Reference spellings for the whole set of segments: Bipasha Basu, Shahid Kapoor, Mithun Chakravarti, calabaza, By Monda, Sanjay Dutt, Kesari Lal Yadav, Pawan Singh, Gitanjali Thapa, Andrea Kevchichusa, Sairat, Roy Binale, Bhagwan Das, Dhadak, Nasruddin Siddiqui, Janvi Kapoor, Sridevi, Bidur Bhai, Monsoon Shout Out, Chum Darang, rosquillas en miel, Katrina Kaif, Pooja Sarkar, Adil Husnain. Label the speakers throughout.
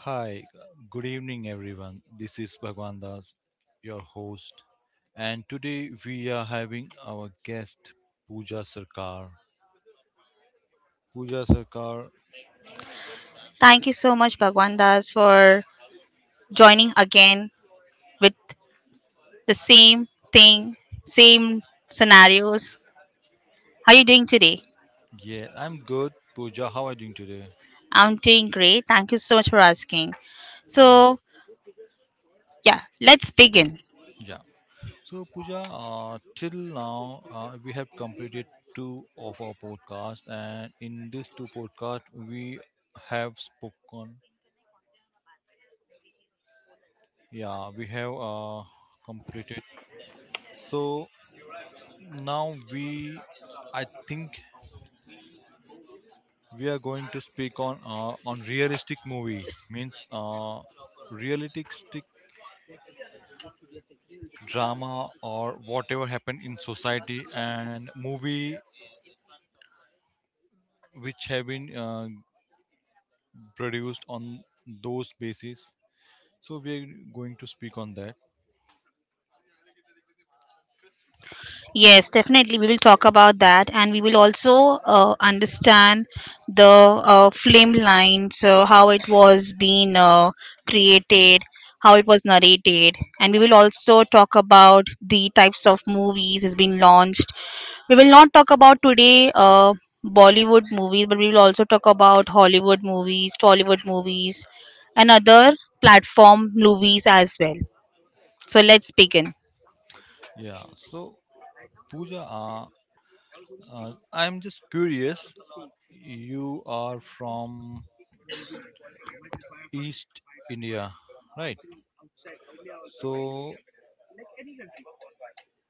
Speaker 1: Hi, good evening everyone. This is Bhagwan Das, your host, and today we are having our guest Pooja Sarkar. Pooja Sarkar,
Speaker 2: Thank you so much, Bhagwan Das, for joining again with the same thing, same scenarios. How are you doing today?
Speaker 1: yeah, I'm good. Pooja, how are you doing today?
Speaker 2: I'm doing great. Thank you so much for asking.
Speaker 1: Uh,
Speaker 2: So, yeah, let's begin.
Speaker 1: yeah. So Pooja, till now we have completed two of our podcasts, and in these two podcasts we have spoken. Yeah, we have completed. So now we I think we are going to speak on realistic movie means realistic drama or whatever happened in society and movie which have been produced on those basis, so we are going to speak on that.
Speaker 2: Yes, definitely. We will talk about that, and we will also understand the film lines, how it was being created, how it was narrated, and we will also talk about the types of movies is being launched. We will not talk about today Bollywood movies, but we will also talk about Hollywood movies, Tollywood movies, and other platform movies as well. So let's begin.
Speaker 1: Yeah, so Pooja, I'm just curious, you are from east india, right? So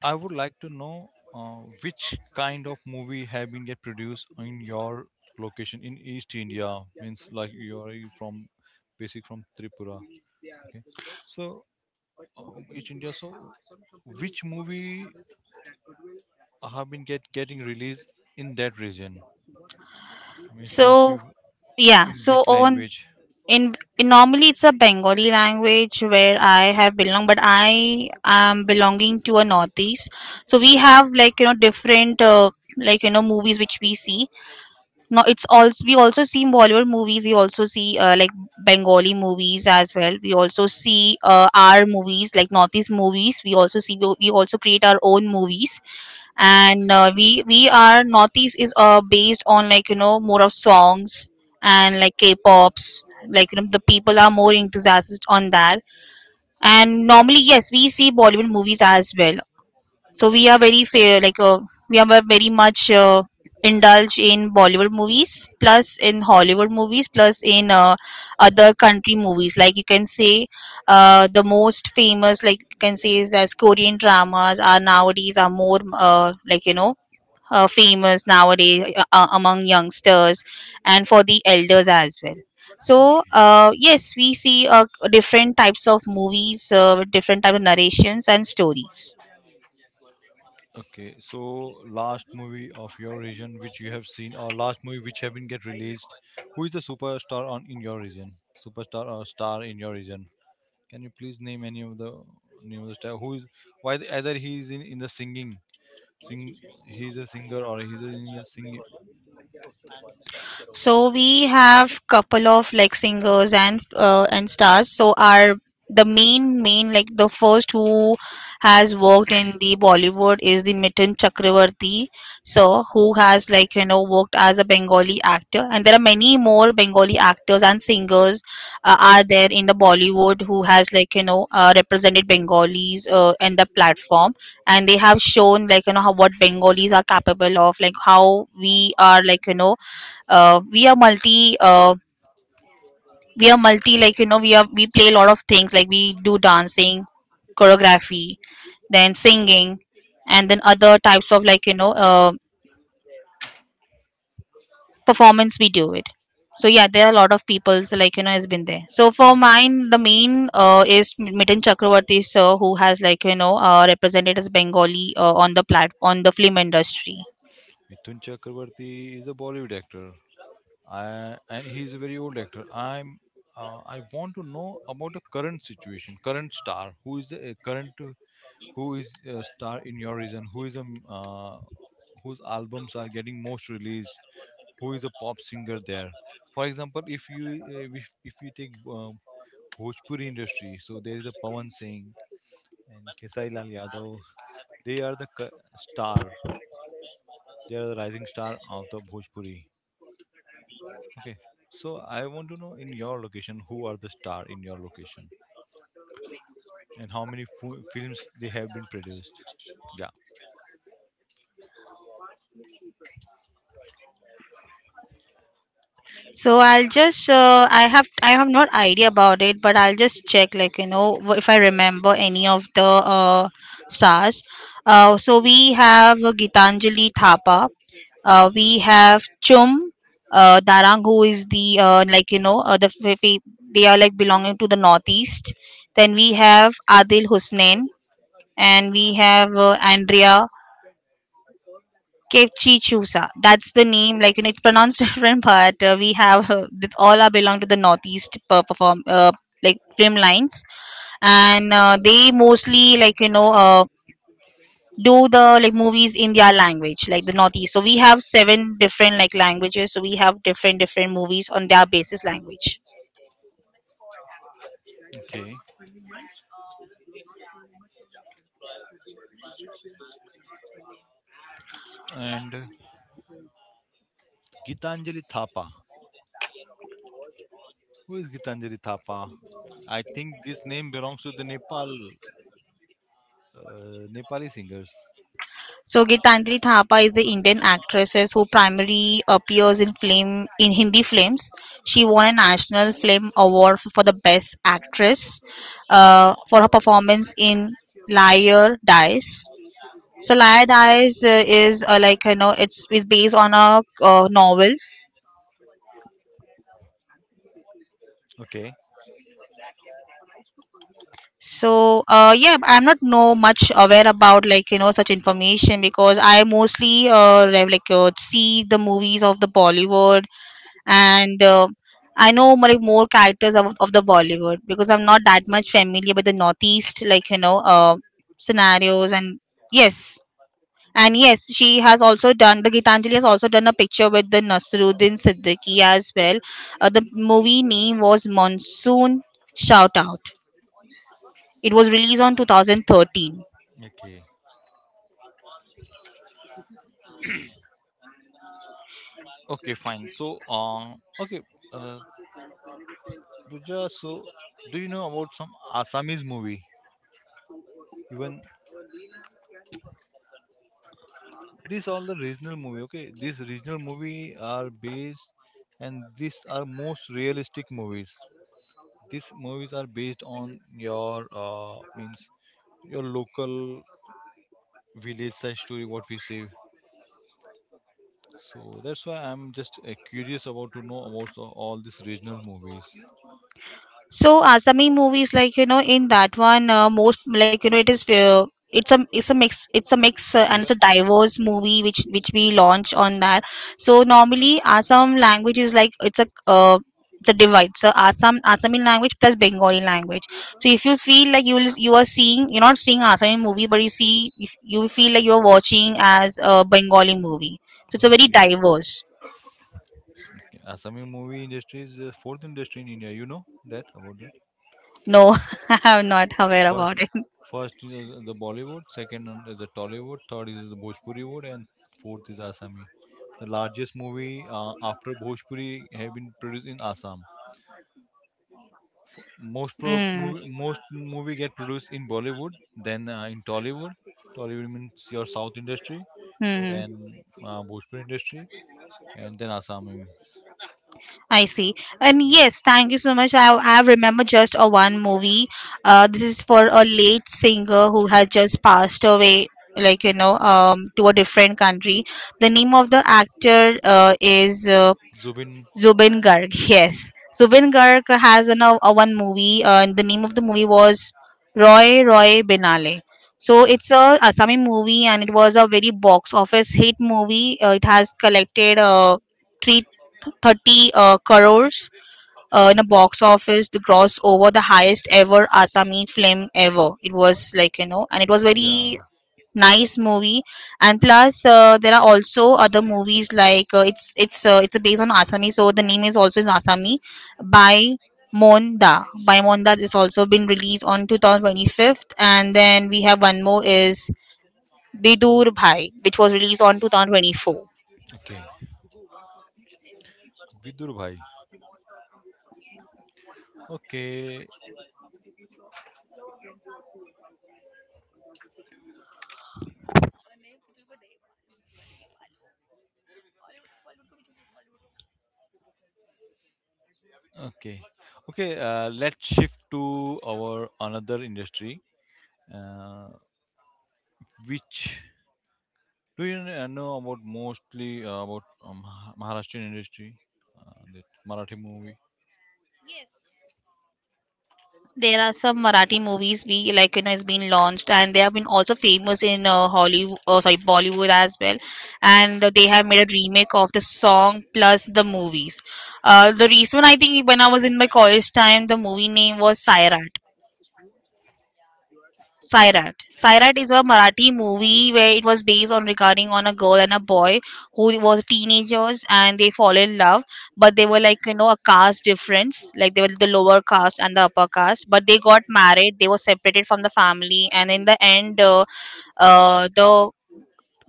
Speaker 1: I would like to know which kind of movie have been get produced in your location in East India. Means like you are from basic from Tripura. Okay, so uh, East India. So which movie have been get getting released in that region? Means mostly
Speaker 2: So yeah,
Speaker 1: in
Speaker 2: so
Speaker 1: which so
Speaker 2: on
Speaker 1: language?
Speaker 2: in normally it's a Bengali language where I have belong, but I am belonging to a Northeast. So we have like different like movies which we see. No, it's also we also see Bollywood movies. We also see like Bengali movies as well. We also see our movies, like Northeast movies. We also see, we also create our own movies. And we are, Northeast is based on like more of songs and like K-pops, like the people are more enthusiastic on that. And normally, yes, we see Bollywood movies as well. So we are very fair, like we are very much indulge in Bollywood movies plus in Hollywood movies plus in other country movies, like you can say the most famous, like you can say, is that Korean dramas are nowadays are more like famous nowadays among youngsters and for the elders as well. So
Speaker 1: Okay.
Speaker 2: yes, we see different types of movies with different type of narrations and stories.
Speaker 1: Okay, so last movie of your region which you have seen, or last movie which haven't get released, who is the superstar on in your region? Superstar or star in your region? Can you please name any of the name of the star? Who is why either he is in the singing, sing he is a singer or he is in a singing.
Speaker 2: So we have couple of like singers and and stars. So our the main, like the first who has worked in the Bollywood, is the Mithun Chakravarti. So who has like worked as a Bengali actor, and there are many more Bengali actors and singers are there in the Bollywood who has like represented Bengalis in the platform, and they have shown like how what Bengalis are capable of, like how we are, like we are multi like we are, we play a lot of things, like we do dancing, choreography, then singing, and then other types of like performance we do it. So yeah, there are a lot of people so, like has been there. So for
Speaker 1: No,
Speaker 2: mine, the main is Mitten Chakravarti sir, who has like represented as Bengali on the plat on the film industry.
Speaker 1: Mithun Chakraborty is a Bollywood actor. I, and he's a very old actor. I want to know about the current situation, current star. Who is the current who is a star in your region? Who is a whose albums are getting most released? Who is a pop singer there? For example, if you if you take Bhojpuri industry, so there is a Pawan Singh and Kesari Lal Yadav. They are the star. They are the rising star of the Bhojpuri. Okay, so I want to know in your location who are the star in your location and how many films they have been produced. Yeah.
Speaker 2: So I'll just I have not idea about it, but I'll just check like if I remember any of the stars. So we have Gitanjali Thapa. We have Chum Darang, who is the like the they are like belonging to the Northeast. Then we have Adil Husnain, and we have Andrea Kevchichusa. That's the name. Like, you know, it's pronounced different, but we have that's all are belong to the Northeast perform like film lines, and they mostly like do the like movies in their language, like the Northeast. So we have seven different like languages. So we have different different movies on their basis language.
Speaker 1: Okay. And Gitanjali Thapa. Who is Gitanjali Thapa? I think this name belongs to the Nepal Nepali singers.
Speaker 2: So Gitandri Thapa is the Indian actress who primarily appears in film in Hindi films. She won a National Film Award for the Best Actress for her performance in Liar Dies. So Liar Dies is like it's is based on a novel.
Speaker 1: Okay.
Speaker 2: So yeah, I'm not know much aware about like such information, because I mostly like see the movies of the Bollywood, and I know more, like more characters of the Bollywood, because I'm not that much familiar with the Northeast, like scenarios, yes, and yes, she has also done the Gitanjali, has also done a picture with the Nasruddin Siddiqui as well. The movie name was Monsoon Shout Out. It was released on 2013.
Speaker 1: Okay. Okay. Fine. So, okay, uh, Pooja. So, do you know about some Assamese movie? Even these all the regional movie, okay, these regional movie are based and these are most realistic movies, these movies are based on your means your local village side story what we see, so that's why I'm just curious about to know about all these regional movies.
Speaker 2: So Asami movies, like in that one, most like it is it's a mix, and it's a
Speaker 1: Even
Speaker 2: diverse movie which we launch on that. So normally Assam language is like it's a divide. So Assam, Assami language plus Bengali language. So if you feel like you are seeing you're not seeing Assami movie, but you see if you feel like you're watching as a Bengali movie. So it's
Speaker 1: is
Speaker 2: a very
Speaker 1: okay,
Speaker 2: diverse.
Speaker 1: Assami movie industry is the fourth industry in India. You know that about that?
Speaker 2: No, I'm not aware about
Speaker 1: First,
Speaker 2: it.
Speaker 1: first is the Bollywood, second one is the Tollywood, third is the Bhojpuri wood, and fourth is Assami. The largest movie after Bhojpuri have been produced in Assam.
Speaker 2: Mm.
Speaker 1: Movie, most movie get produced in Bollywood, then in Tollywood. Tollywood means your South industry,
Speaker 2: Hmm.
Speaker 1: then
Speaker 2: Hmm.
Speaker 1: Bhojpuri industry, and then Assami.
Speaker 2: I see. And yes, thank you so much. I remember just a one movie. This is for a late singer who had just passed away, like, to a different country. The name of the actor is
Speaker 1: Zubin,
Speaker 2: Zubin Garg. Yes. Zubin Garg has one movie. And the name of the movie was Roy Roy Binale. So it's a Assamese movie, and it was a very box office hit movie. It has collected 330 30 crores in a box office, to gross over the highest
Speaker 1: yes.
Speaker 2: ever Assamese film ever. It was, like and it was
Speaker 1: Yeah.
Speaker 2: very nice movie. And plus, there are also other movies like it's a based on Assamese, so the name is also in Assami by Monda. By Monda is also been released on 2025th, and then we have one more is Bidur Bhai, which was released on 2024.
Speaker 1: Okay. Vidur bhai. Okay. Okay. Okay. Let's shift to our another industry, uh, which do you know about mostly about Maharashtrian industry, that Marathi movie.
Speaker 2: There are some Marathi movies we, like has been launched, and they have been also famous in Hollywood, oh, sorry, Bollywood as well, and they have made a remake of the song plus the movies. The reason I think, when I was in my college time, the movie name was Sairat. Sairat is a Marathi movie where it was based on regarding on a girl and a boy who was teenagers, and they fall in love, but they were, like a caste difference, like they were the lower caste and the upper caste, but they got married, they were separated from the family, and in the end, the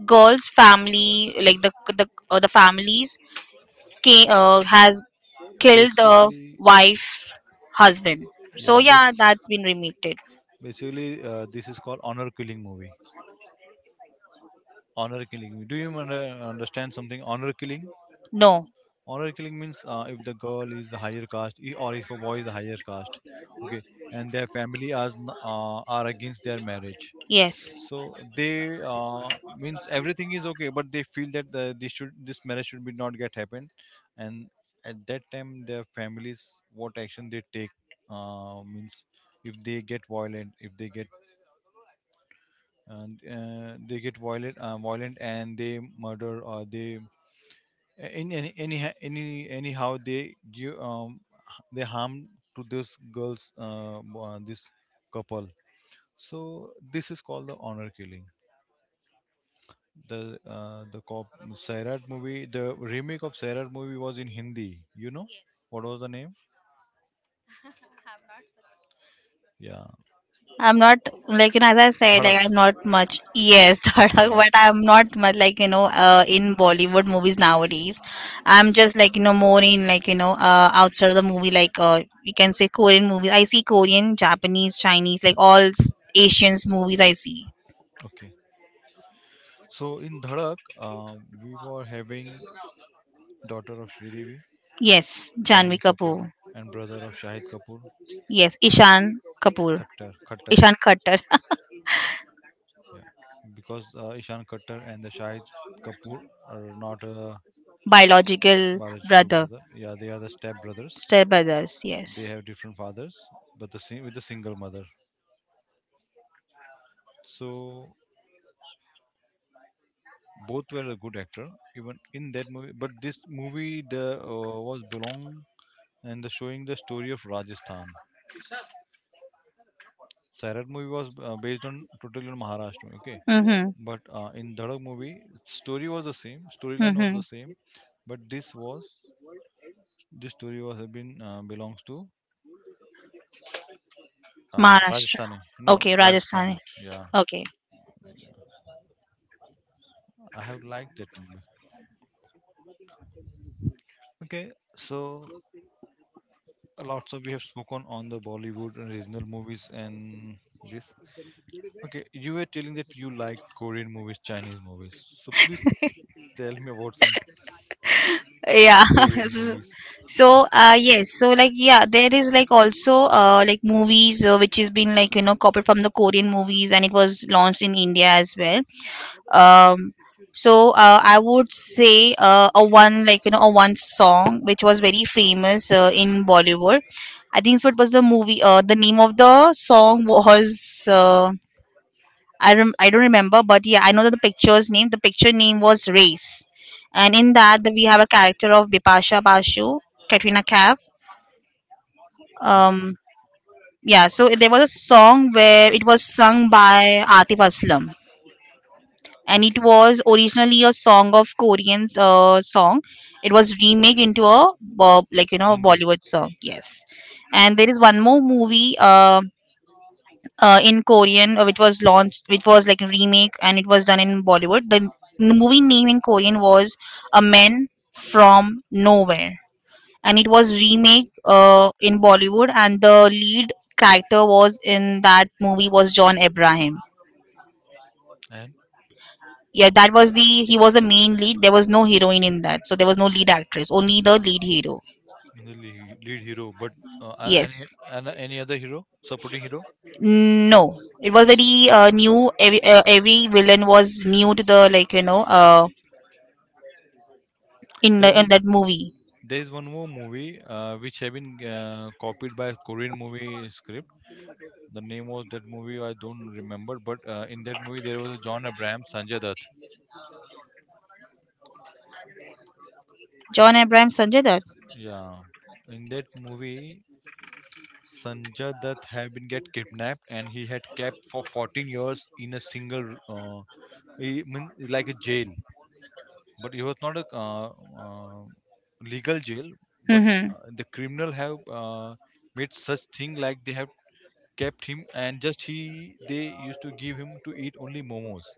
Speaker 2: girl's family, like the the families, ca has killed the
Speaker 1: Basically,
Speaker 2: wife's husband. So
Speaker 1: yeah.
Speaker 2: yeah, that's been remade.
Speaker 1: Basically, this is called honor killing movie. Honor killing movie. Do you understand something? Honor killing.
Speaker 2: No,
Speaker 1: Honor killing means if the girl is a higher caste or if a boy is a higher caste, okay, and their family are against their marriage,
Speaker 2: yes.
Speaker 1: so they means everything is okay but they feel that this should this marriage should be not get happen, and at that time their families what action they take, means if they get violent, if they get and they get violent violent and they murder or they in any anyhow they give, they harm to this girls this couple, so this is called the honor killing. The the cop, Sairat movie, the remake of Sairat movie was in Hindi, you know what Yes. was the name? Yeah. The
Speaker 2: I'm not like as I said, like
Speaker 1: Dhadak.
Speaker 2: I'm not much, yes, Dhadak,
Speaker 1: Dhadak,
Speaker 2: but I'm not much like in Bollywood movies nowadays. I'm just like more in like outside of the movie, like
Speaker 1: just
Speaker 2: you can say Korean movies. I see Korean, Japanese, Chinese, like all Asians movies I see.
Speaker 1: okay. So in Dhadak, we were having daughter of Sridevi,
Speaker 2: Yes, Janvi
Speaker 1: Janhvi Kapoor,
Speaker 2: Kapoor.
Speaker 1: and brother of Shahid Kapoor,
Speaker 2: Yes, Ishan Kapoor.
Speaker 1: Khattar. Khattar,
Speaker 2: Ishan Khattar,
Speaker 1: yeah, because Ishan Khattar and the Shahid Kapoor are not
Speaker 2: biological
Speaker 1: biological
Speaker 2: brother,
Speaker 1: brother. Yeah, they are the step brothers.
Speaker 2: step brothers.
Speaker 1: They, yes,
Speaker 2: Yes.
Speaker 1: have different fathers, but the same with a single mother. So both were a good actor, even in that movie. But this movie the was belong and the showing the story of Rajasthan. Sairat movie was based on totally on Maharashtra, okay?
Speaker 2: Mhm.
Speaker 1: But in Dhadak movie, story was the same, storyline was
Speaker 2: Mhm.
Speaker 1: the same, but this was this story was have been belongs to
Speaker 2: Maharashtra.
Speaker 1: Rajasthani. No,
Speaker 2: Okay,
Speaker 1: Rajasthani.
Speaker 2: Rajasthani.
Speaker 1: Yeah,
Speaker 2: Okay.
Speaker 1: I have liked that movie. Okay, so lots of we have spoken on the Bollywood and regional movies and this. Okay, you were telling that you like Korean movies, Chinese movies. So please tell me about some
Speaker 2: Yeah.
Speaker 1: Korean movies.
Speaker 2: So yes, so like yeah, there is like also like movies which has been like copied from the Korean movies, and it was launched in India as well. um so I would say a one, like a one song which was very famous in Bollywood. I think so it was the movie, the name of the song was I don't remember, but yeah, I know that the picture's name. The picture name was Race, and in that we have a character of Bipasha Basu, Katrina Kaif. Um,
Speaker 1: Okay,
Speaker 2: yeah, so there was a song where it was sung by Atif Aslam, and it
Speaker 1: okay.
Speaker 2: was originally a song of Korean's song. It was remade into a Bob like
Speaker 1: Hindi
Speaker 2: Bollywood song. Yes, and there is one more movie. In Korean, which was launched, which was like a remake, and it was done in Bollywood. The movie name in Korean was A Man from Nowhere, and it was remake in Bollywood, and the lead character was in that movie was John Abraham.
Speaker 1: and
Speaker 2: Yeah, that was the, he was the main lead. There was no heroine in that, so there was no lead actress, only the lead hero.
Speaker 1: the lead, lead hero. But any
Speaker 2: Yes.
Speaker 1: any other hero, supporting hero,
Speaker 2: No, it was very new. Every villain was new to the, like
Speaker 1: there
Speaker 2: in
Speaker 1: is
Speaker 2: that movie.
Speaker 1: there is one more movie which have been copied by Korean movie script. The name was that movie I don't remember, but in that movie there was a John Abraham, Sanjay Dutt.
Speaker 2: John Abraham, Sanjay Dutt.
Speaker 1: Yeah, in that movie, Sanjay Dutt had been get kidnapped and he had kept for 14 years in a single, he, mean, like a jail. But it was not a uh, legal jail, but Mhm.
Speaker 2: Mm-hmm.
Speaker 1: The criminal have made such thing like they have kept him and just he they used to give him to eat only momos,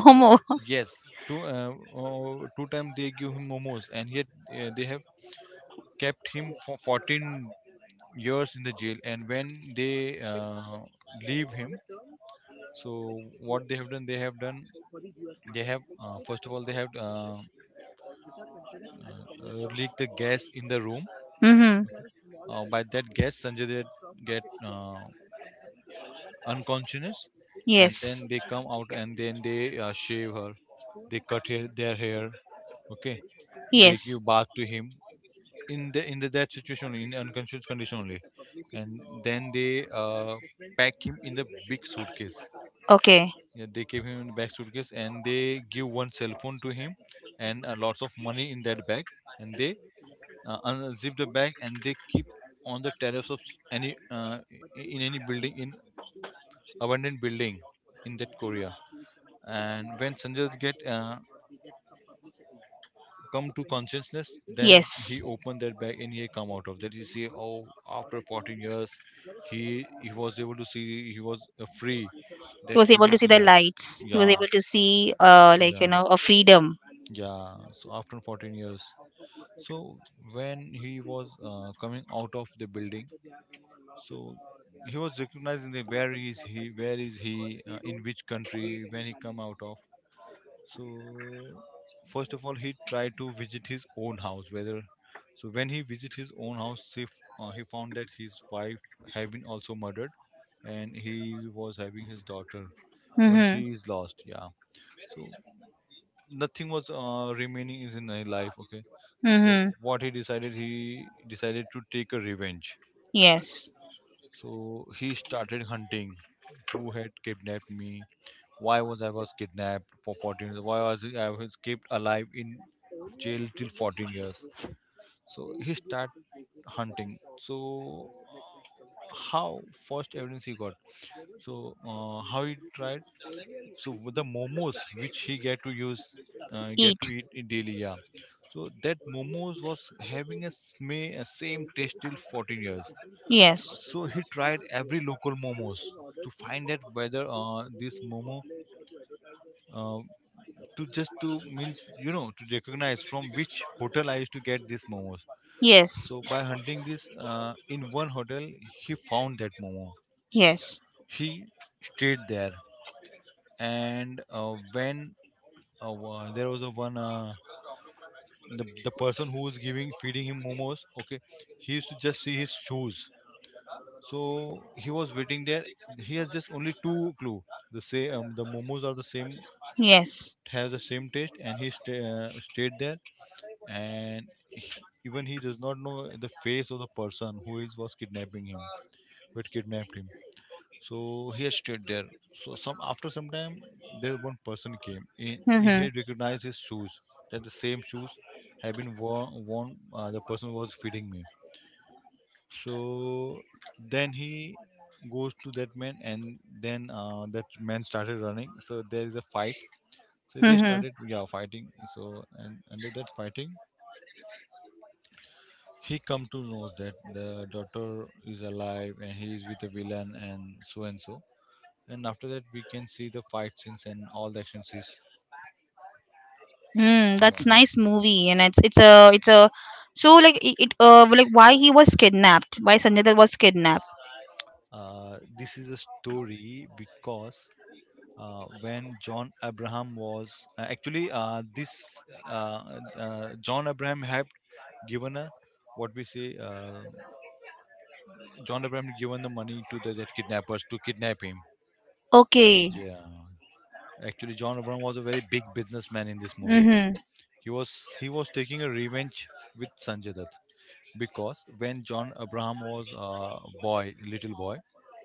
Speaker 2: Momo.
Speaker 1: yes, two uh, two time they give him momos and yet they have kept him for 14 years in the jail, and when they uh, leave him, so what they have done they have done, they have first of all they have leaked the gas in the room.
Speaker 2: Mm-hmm.
Speaker 1: By that gas Sanjay they get uh, unconscious, and yes,
Speaker 2: Yes.
Speaker 1: then they come out and then they shave her, they cut her, their hair, okay, they, yes,
Speaker 2: Yes.
Speaker 1: give bath to him in the that situation only, in unconscious condition only, and then they pack him in the big suitcase.
Speaker 2: Okay.
Speaker 1: Yeah, they keep him in the bag suitcase and they give one cell phone to him, and lots of money in that bag, and they unzip the bag and they keep on the terrace of any uh, in any building in. Abandoned building in that Korea. And when Sanjay Dutt get come to consciousness, then he
Speaker 2: Yes.
Speaker 1: opened that bag and he come out of that. He see, oh, after 14 years, he was able to see, he was free.
Speaker 2: He
Speaker 1: That
Speaker 2: was
Speaker 1: he
Speaker 2: able to
Speaker 1: was,
Speaker 2: see the
Speaker 1: yeah,
Speaker 2: lights. He was
Speaker 1: yeah,
Speaker 2: able to see like
Speaker 1: yeah,
Speaker 2: a freedom.
Speaker 1: yeah. So after 14 years, so when he was coming out of the building, so he was recognizing the where is he, in which country when he come out of. So first of all he tried to visit his own house whether, so when he visit his own house he, he found that his wife had been also murdered, and he was having his daughter when
Speaker 2: Mm-hmm.
Speaker 1: she is lost, yeah, so nothing was remaining is in his life, okay, so
Speaker 2: Mm-hmm.
Speaker 1: what he decided, he decided to take a revenge,
Speaker 2: Yes.
Speaker 1: so he started hunting who had kidnapped me, why was I was kidnapped for 14 years, why was I was kept alive in jail till 14 years. So he start hunting. So how first evidence he got? So how he tried? So with the momos which he get to use, get
Speaker 2: Eat.
Speaker 1: to eat in daily. Yeah. So that momos was having a a same taste till 14 years.
Speaker 2: Yes.
Speaker 1: So he tried every local momos to find out whether this momo uh, to just to means, you know, to recognize from which hotel I used to get these momos.
Speaker 2: Yes.
Speaker 1: So by hunting this in one hotel, he found that momo.
Speaker 2: Yes.
Speaker 1: He stayed there, and when there was a one the person who was giving feeding him momos, okay, he used to just see his shoes. So he was waiting there. He has just only two clue. The momos are the same,
Speaker 2: Yes.
Speaker 1: have the same taste, and he stayed there and even he does not know the face of the person who is was kidnapping him, who had kidnapped him. So he had stayed there. So some after some time, there one person came. He
Speaker 2: Mm-hmm.
Speaker 1: had recognized his shoes, that the same shoes had been worn, worn the person who was feeding me. So then he goes to that man, and then that man started running, so there is a fight. So they
Speaker 2: Mm-hmm.
Speaker 1: started, yeah, fighting. So and under that fighting, he come to knows that the daughter is alive and he is with the villain and so and so. And after that, we can see the fight scenes and all the action scenes.
Speaker 2: Mm,
Speaker 1: Yeah.
Speaker 2: that's nice movie, and it's a so like it like why he was kidnapped, why Sanjay Dutt was kidnapped?
Speaker 1: This is a story because when John Abraham was actually, this John Abraham had given a, what we say, John Abraham had given the money to the that kidnappers to kidnap him.
Speaker 2: Okay.
Speaker 1: Yeah, actually John Abraham was a very big businessman in this movie.
Speaker 2: Mm-hmm.
Speaker 1: He was, he was taking a revenge with Sanjay Dutt because when John Abraham was a boy, little boy,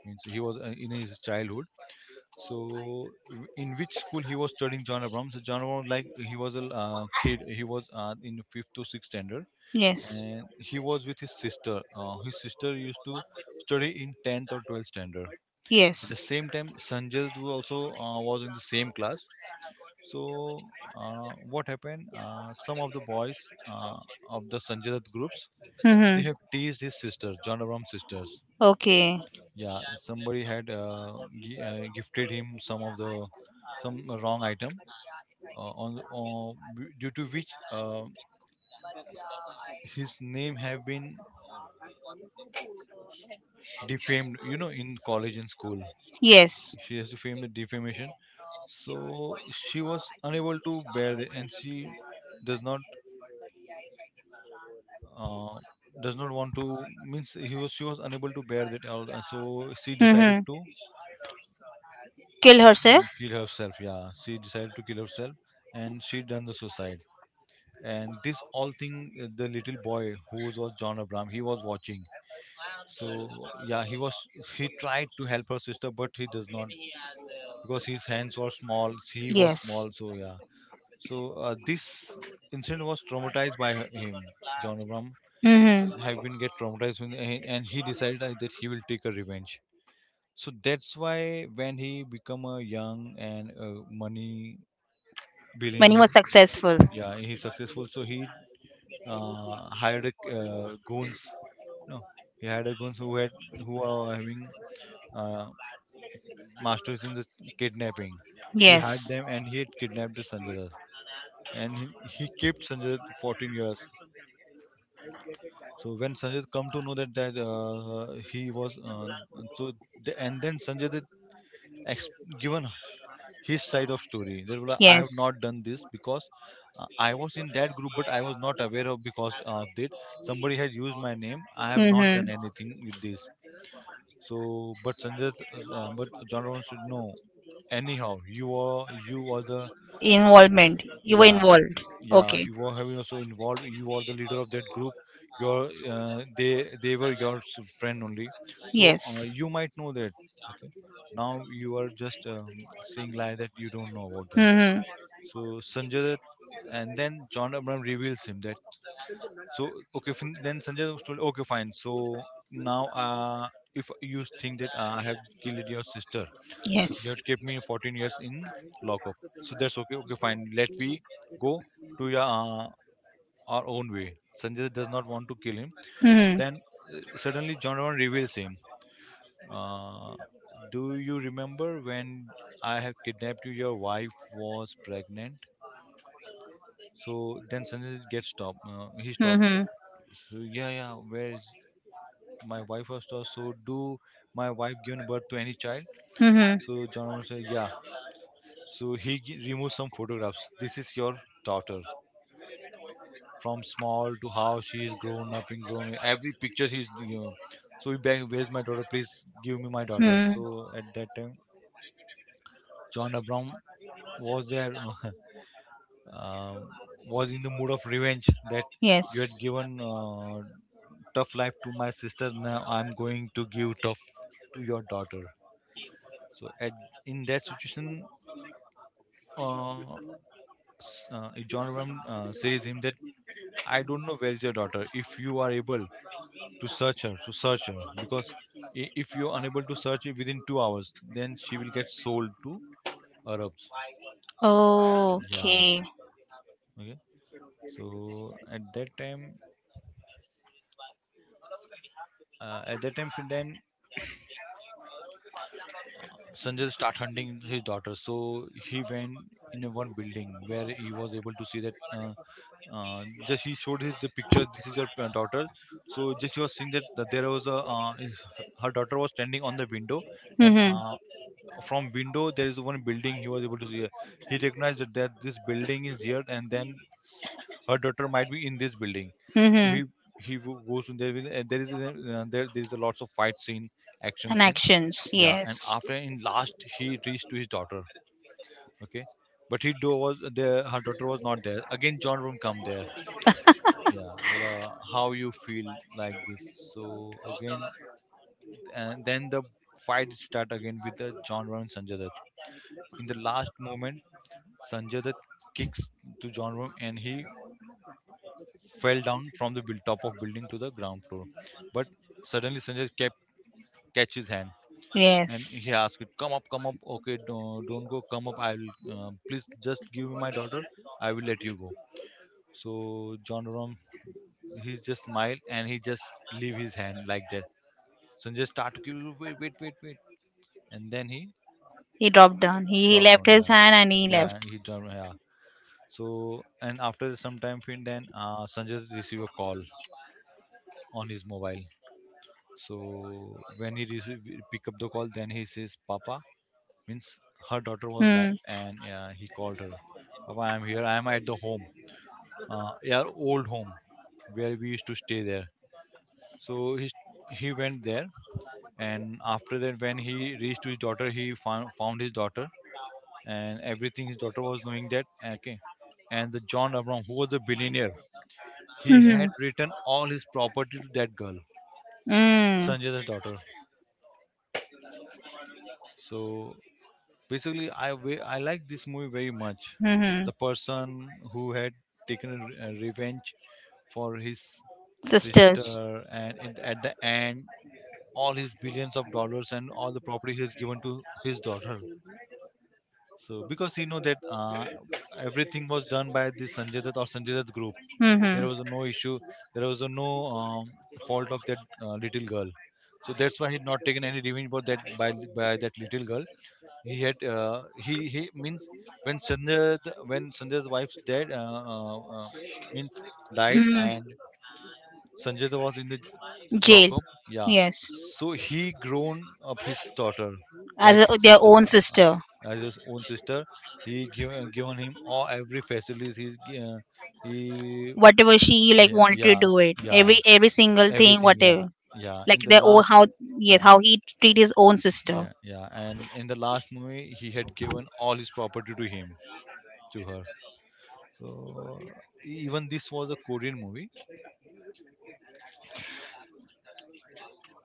Speaker 1: means he was in his childhood. So in which school he was studying, John Abraham? So John Abraham, like, he was a kid. He was in fifth to sixth standard,
Speaker 2: Yes.
Speaker 1: and he was with his sister. His sister used to study in tenth or 12th standard. At
Speaker 2: Yes.
Speaker 1: the same time, Sanjay Dutt also was in the same class. So what happened? Some of the boys of the Sanjay Dutt groups, they
Speaker 2: Mm-hmm.
Speaker 1: have teased his sister, John Abrams' sisters.
Speaker 2: Okay.
Speaker 1: Yeah, somebody had gifted him some of the, some wrong item on the, due to which his name have been defamed, you know, in college and school.
Speaker 2: Yes.
Speaker 1: She has defamed the defamation. So she was unable to bear it, and she does not, uh, does not want to, means he was, she was unable to bear that all, so she decided
Speaker 2: Mm-hmm.
Speaker 1: to,
Speaker 2: Kill herself?
Speaker 1: mm, kill herself. Yeah, she decided to kill herself, and she done the suicide. And this all thing, the little boy who was John Abraham, he was watching. So yeah, he was, he tried to help her sister, but he does not, because his hands were small, he was small,
Speaker 2: Yes.
Speaker 1: so yeah. So this incident was traumatized by him, John Abraham,
Speaker 2: Mm-hmm.
Speaker 1: have been get traumatized when, and he decided that he will take a revenge. So that's why when he become a young and money,
Speaker 2: When you
Speaker 1: billionaire,
Speaker 2: were successful?
Speaker 1: yeah, he's successful. So he hired a, goons. No, he hired a goons who had, who are having, uh, masters in the kidnapping. He hired
Speaker 2: Yes.
Speaker 1: them, and he had kidnapped the Sanjay Dutt. And he kept Sanjay Dutt 14 years. So when Sanjay Dutt come to know that, that he was, so the, and then Sanjay Dutt ex- given his side of story. They were like, I
Speaker 2: Yes.
Speaker 1: have not done this, because I was in that group, but I was not aware of, because of it, somebody has used my name. I have not done
Speaker 2: Mm-hmm.
Speaker 1: anything with this. So but Sanjay, but John Rowan said no, anyhow, you are, you are the,
Speaker 2: Involvement. You were
Speaker 1: yeah.
Speaker 2: involved.
Speaker 1: Yeah,
Speaker 2: Okay.
Speaker 1: you were having also involved. You were the leader of that group. Your they were your friend only. So
Speaker 2: Yes.
Speaker 1: you might know that. Okay, now you are just saying lie that you don't know about that.
Speaker 2: Mm-hmm.
Speaker 1: So Sanjay Dutt, and then John Abraham reveals him that. So okay, then Sanjay Dutt told, okay, fine. So now if you think that I have killed your sister, so you
Speaker 2: Yes.
Speaker 1: had kept me 14 years in lockup. So that's okay. Okay, fine. Let we go to your, our own way. Sanjay does not want to kill him.
Speaker 2: Mm-hmm.
Speaker 1: Then suddenly John Donovan reveals him. Uh, do you remember when I have kidnapped you? Your wife was pregnant. So then Sanjay gets stopped. He stopped there.
Speaker 2: Mm-hmm.
Speaker 1: So yeah, yeah. Where is, my wife was stopped? So do my wife given birth to any child?
Speaker 2: Mm-hmm.
Speaker 1: So John Donovan says, yeah. So he removes some photographs. This is your daughter, from small to how she is grown up and grown. Every picture she's, you know. So he begged, "Where's my daughter? Please give me my daughter."
Speaker 2: Mm-hmm.
Speaker 1: So at that time, John Abraham was there, um was in the mood of revenge that you had
Speaker 2: Yes.
Speaker 1: given tough life to my sister. Now I'm going to give tough to your daughter. So at, in that situation, uh, John Abraham says him that, I don't know where is your daughter. If you are able to search her, because if you're unable to search it within 2 hours, then she will get sold to Arabs. Yeah.
Speaker 2: Okay.
Speaker 1: Okay. So at that time, then Sanjay start hunting his daughter. So he went in a one building where he was able to see that. Just he showed his the picture. This is your daughter. So just he was seeing that, that there was a, her daughter was standing on the window, and
Speaker 2: Mm-hmm.
Speaker 1: from window there is one building he was able to see. He recognized that, that this building is here, and then her daughter might be in this building. So
Speaker 2: Mm-hmm.
Speaker 1: he goes in there and there is a, there is a lots of fight scene, action
Speaker 2: And
Speaker 1: scene.
Speaker 2: actions.
Speaker 1: Yeah, and
Speaker 2: Yes.
Speaker 1: after in last, he reached to his daughter. Okay, but he do was there, her daughter was not there. Again John Room come there. Yeah, well, how you feel like this. So again, and then the fight start again with the John Ron and Sanjay Dutt. In the last moment, Sanjay Dutt kicks to John Rom, and he fell down from the top of building to the ground floor. But suddenly Sanjay kept catch his hand, and he
Speaker 2: Yes.
Speaker 1: asked it, "Come up, come up. Okay, don't go. Come up. I will. Please just give me my daughter. I will let you go." So John Rom, he just smiled, and he just leave his hand like that. Sanjay start to give, wait, wait, wait, wait, and then he
Speaker 2: He dropped down. He
Speaker 1: dropped
Speaker 2: left
Speaker 1: on.
Speaker 2: his
Speaker 1: Yeah,
Speaker 2: hand, and he left.
Speaker 1: yeah, he dropped. Yeah. So and after some time, then Sanjay received a call on his mobile. So when he receive, pick up the call, then he says, "Papa," means her daughter was
Speaker 2: Mm-hmm.
Speaker 1: live, and he called her, "Papa, I'm here. I'm at the home, uh, our old home, where we used to stay there." So he went there, and after that, when he reached to his daughter, he found his daughter, and everything his daughter was knowing that. Okay, and the John Abram, who was a billionaire, he
Speaker 2: Mm-hmm.
Speaker 1: had written all his property to that girl,
Speaker 2: Mm.
Speaker 1: Sanjay's daughter. So basically, I I like this movie very much.
Speaker 2: Mm-hmm.
Speaker 1: The person who had taken a revenge for his sister,
Speaker 2: Sisters.
Speaker 1: and in, at the end, all his billions of dollars and all the property he has given to his daughter. So because he know that everything was done by this Sanjay Dutt or Sanjay Dutt group. There
Speaker 2: Mm-hmm.
Speaker 1: was no issue. There was no, um, fault of that little girl. So that's why he's not taken any revenge for that by that little girl. He had he means, when Sanjay, when Sanjay's wife's dead, uh, uh, means died,
Speaker 2: Mm.
Speaker 1: and Sanjay was in the
Speaker 2: Jail.
Speaker 1: Lockham, yeah.
Speaker 2: Yes.
Speaker 1: So he grown up his daughter,
Speaker 2: As
Speaker 1: like
Speaker 2: a,
Speaker 1: his
Speaker 2: their
Speaker 1: sister,
Speaker 2: own
Speaker 1: yeah,
Speaker 2: sister.
Speaker 1: as his own sister. He give, given him all every facilities. He,
Speaker 2: Whatever she like
Speaker 1: yeah,
Speaker 2: wanted to
Speaker 1: yeah,
Speaker 2: do it. Every
Speaker 1: yeah,
Speaker 2: every single thing,
Speaker 1: everything, yeah,
Speaker 2: whatever.
Speaker 1: yeah.
Speaker 2: Like
Speaker 1: In the
Speaker 2: their own,
Speaker 1: last,
Speaker 2: how, yes,
Speaker 1: yeah,
Speaker 2: how he treat his own sister.
Speaker 1: yeah, yeah. And in the last movie, he had given all his property to him, to her. So even this was a Korean movie.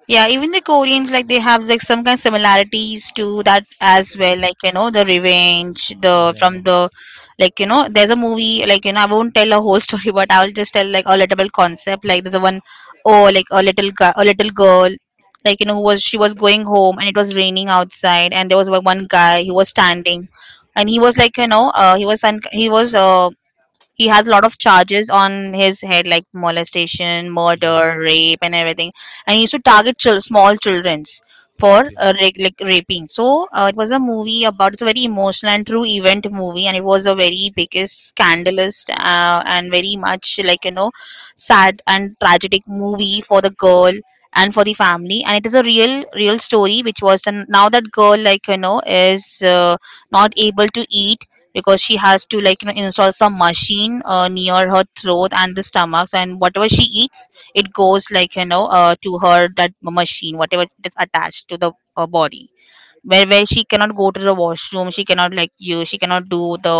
Speaker 2: Yeah, even the Koreans, like they have like some kind of similarities to that as well. Like the revenge, the from the, like there's a movie like I won't tell a whole story, but I'll just tell like a little concept. Like there's a one, oh, like a little guy, a little girl, like who was she was going home, and it was raining outside, and there was one guy, he was standing, and he was like he was he was he has a lot of charges on his head, like molestation, murder, rape, and everything, and he used to target small childrens for like raping. So it was a movie about, it's a very emotional and true event movie, and it was a very biggest scandalous and very much like sad and tragic movie for the girl and for the family, and it is a real real story, which was the, now that girl like is not able to eat, because she has to like install some machine near her throat and the stomach, so, and whatever she eats, it goes like to her that machine, whatever is attached to the body, where she cannot go to the washroom, she cannot, like you, she cannot do the,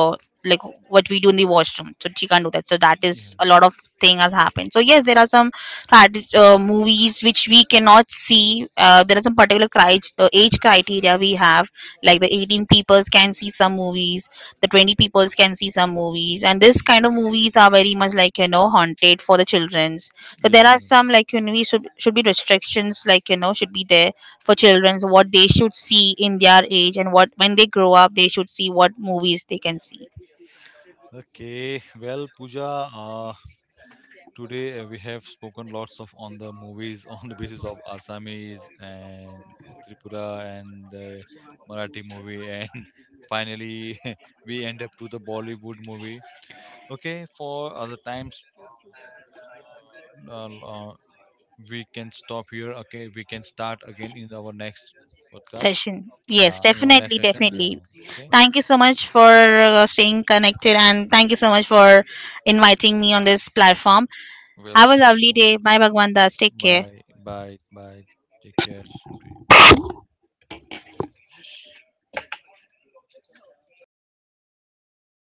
Speaker 2: like what we do in the washroom, so she can't do that. So that is a lot of thing has happened. So yes, there are some movies which we cannot see. There are some particular age criteria we have, like the 18 peoples can see some movies, the 20 peoples can see some movies, and this kind of movies are very much like haunted for the children's. So there are some, like we should be restrictions, like should be there for children, so what they should see in their age, and what when they grow up, they should see, what movies they can see.
Speaker 1: Okay, well, Puja, today we have spoken lots of on the movies on the basis of Assamese and Tripura and the Marathi movie and finally we end up to the Bollywood movie. Okay, for other times, uh, uh, we can stop here. Okay, we can start again in our next podcast.
Speaker 2: Session? Yes,
Speaker 1: Yeah, in our next
Speaker 2: definitely,
Speaker 1: session. Yeah.
Speaker 2: definitely.
Speaker 1: Okay.
Speaker 2: Thank you so much for staying connected, and thank you so much for inviting me on this platform. Have a
Speaker 1: Welcome.
Speaker 2: lovely
Speaker 1: Most
Speaker 2: day. Bye, Bhagwan Das, take
Speaker 1: welcome.
Speaker 2: care.
Speaker 1: Bye. Bye. Bye. Take care. Same to you.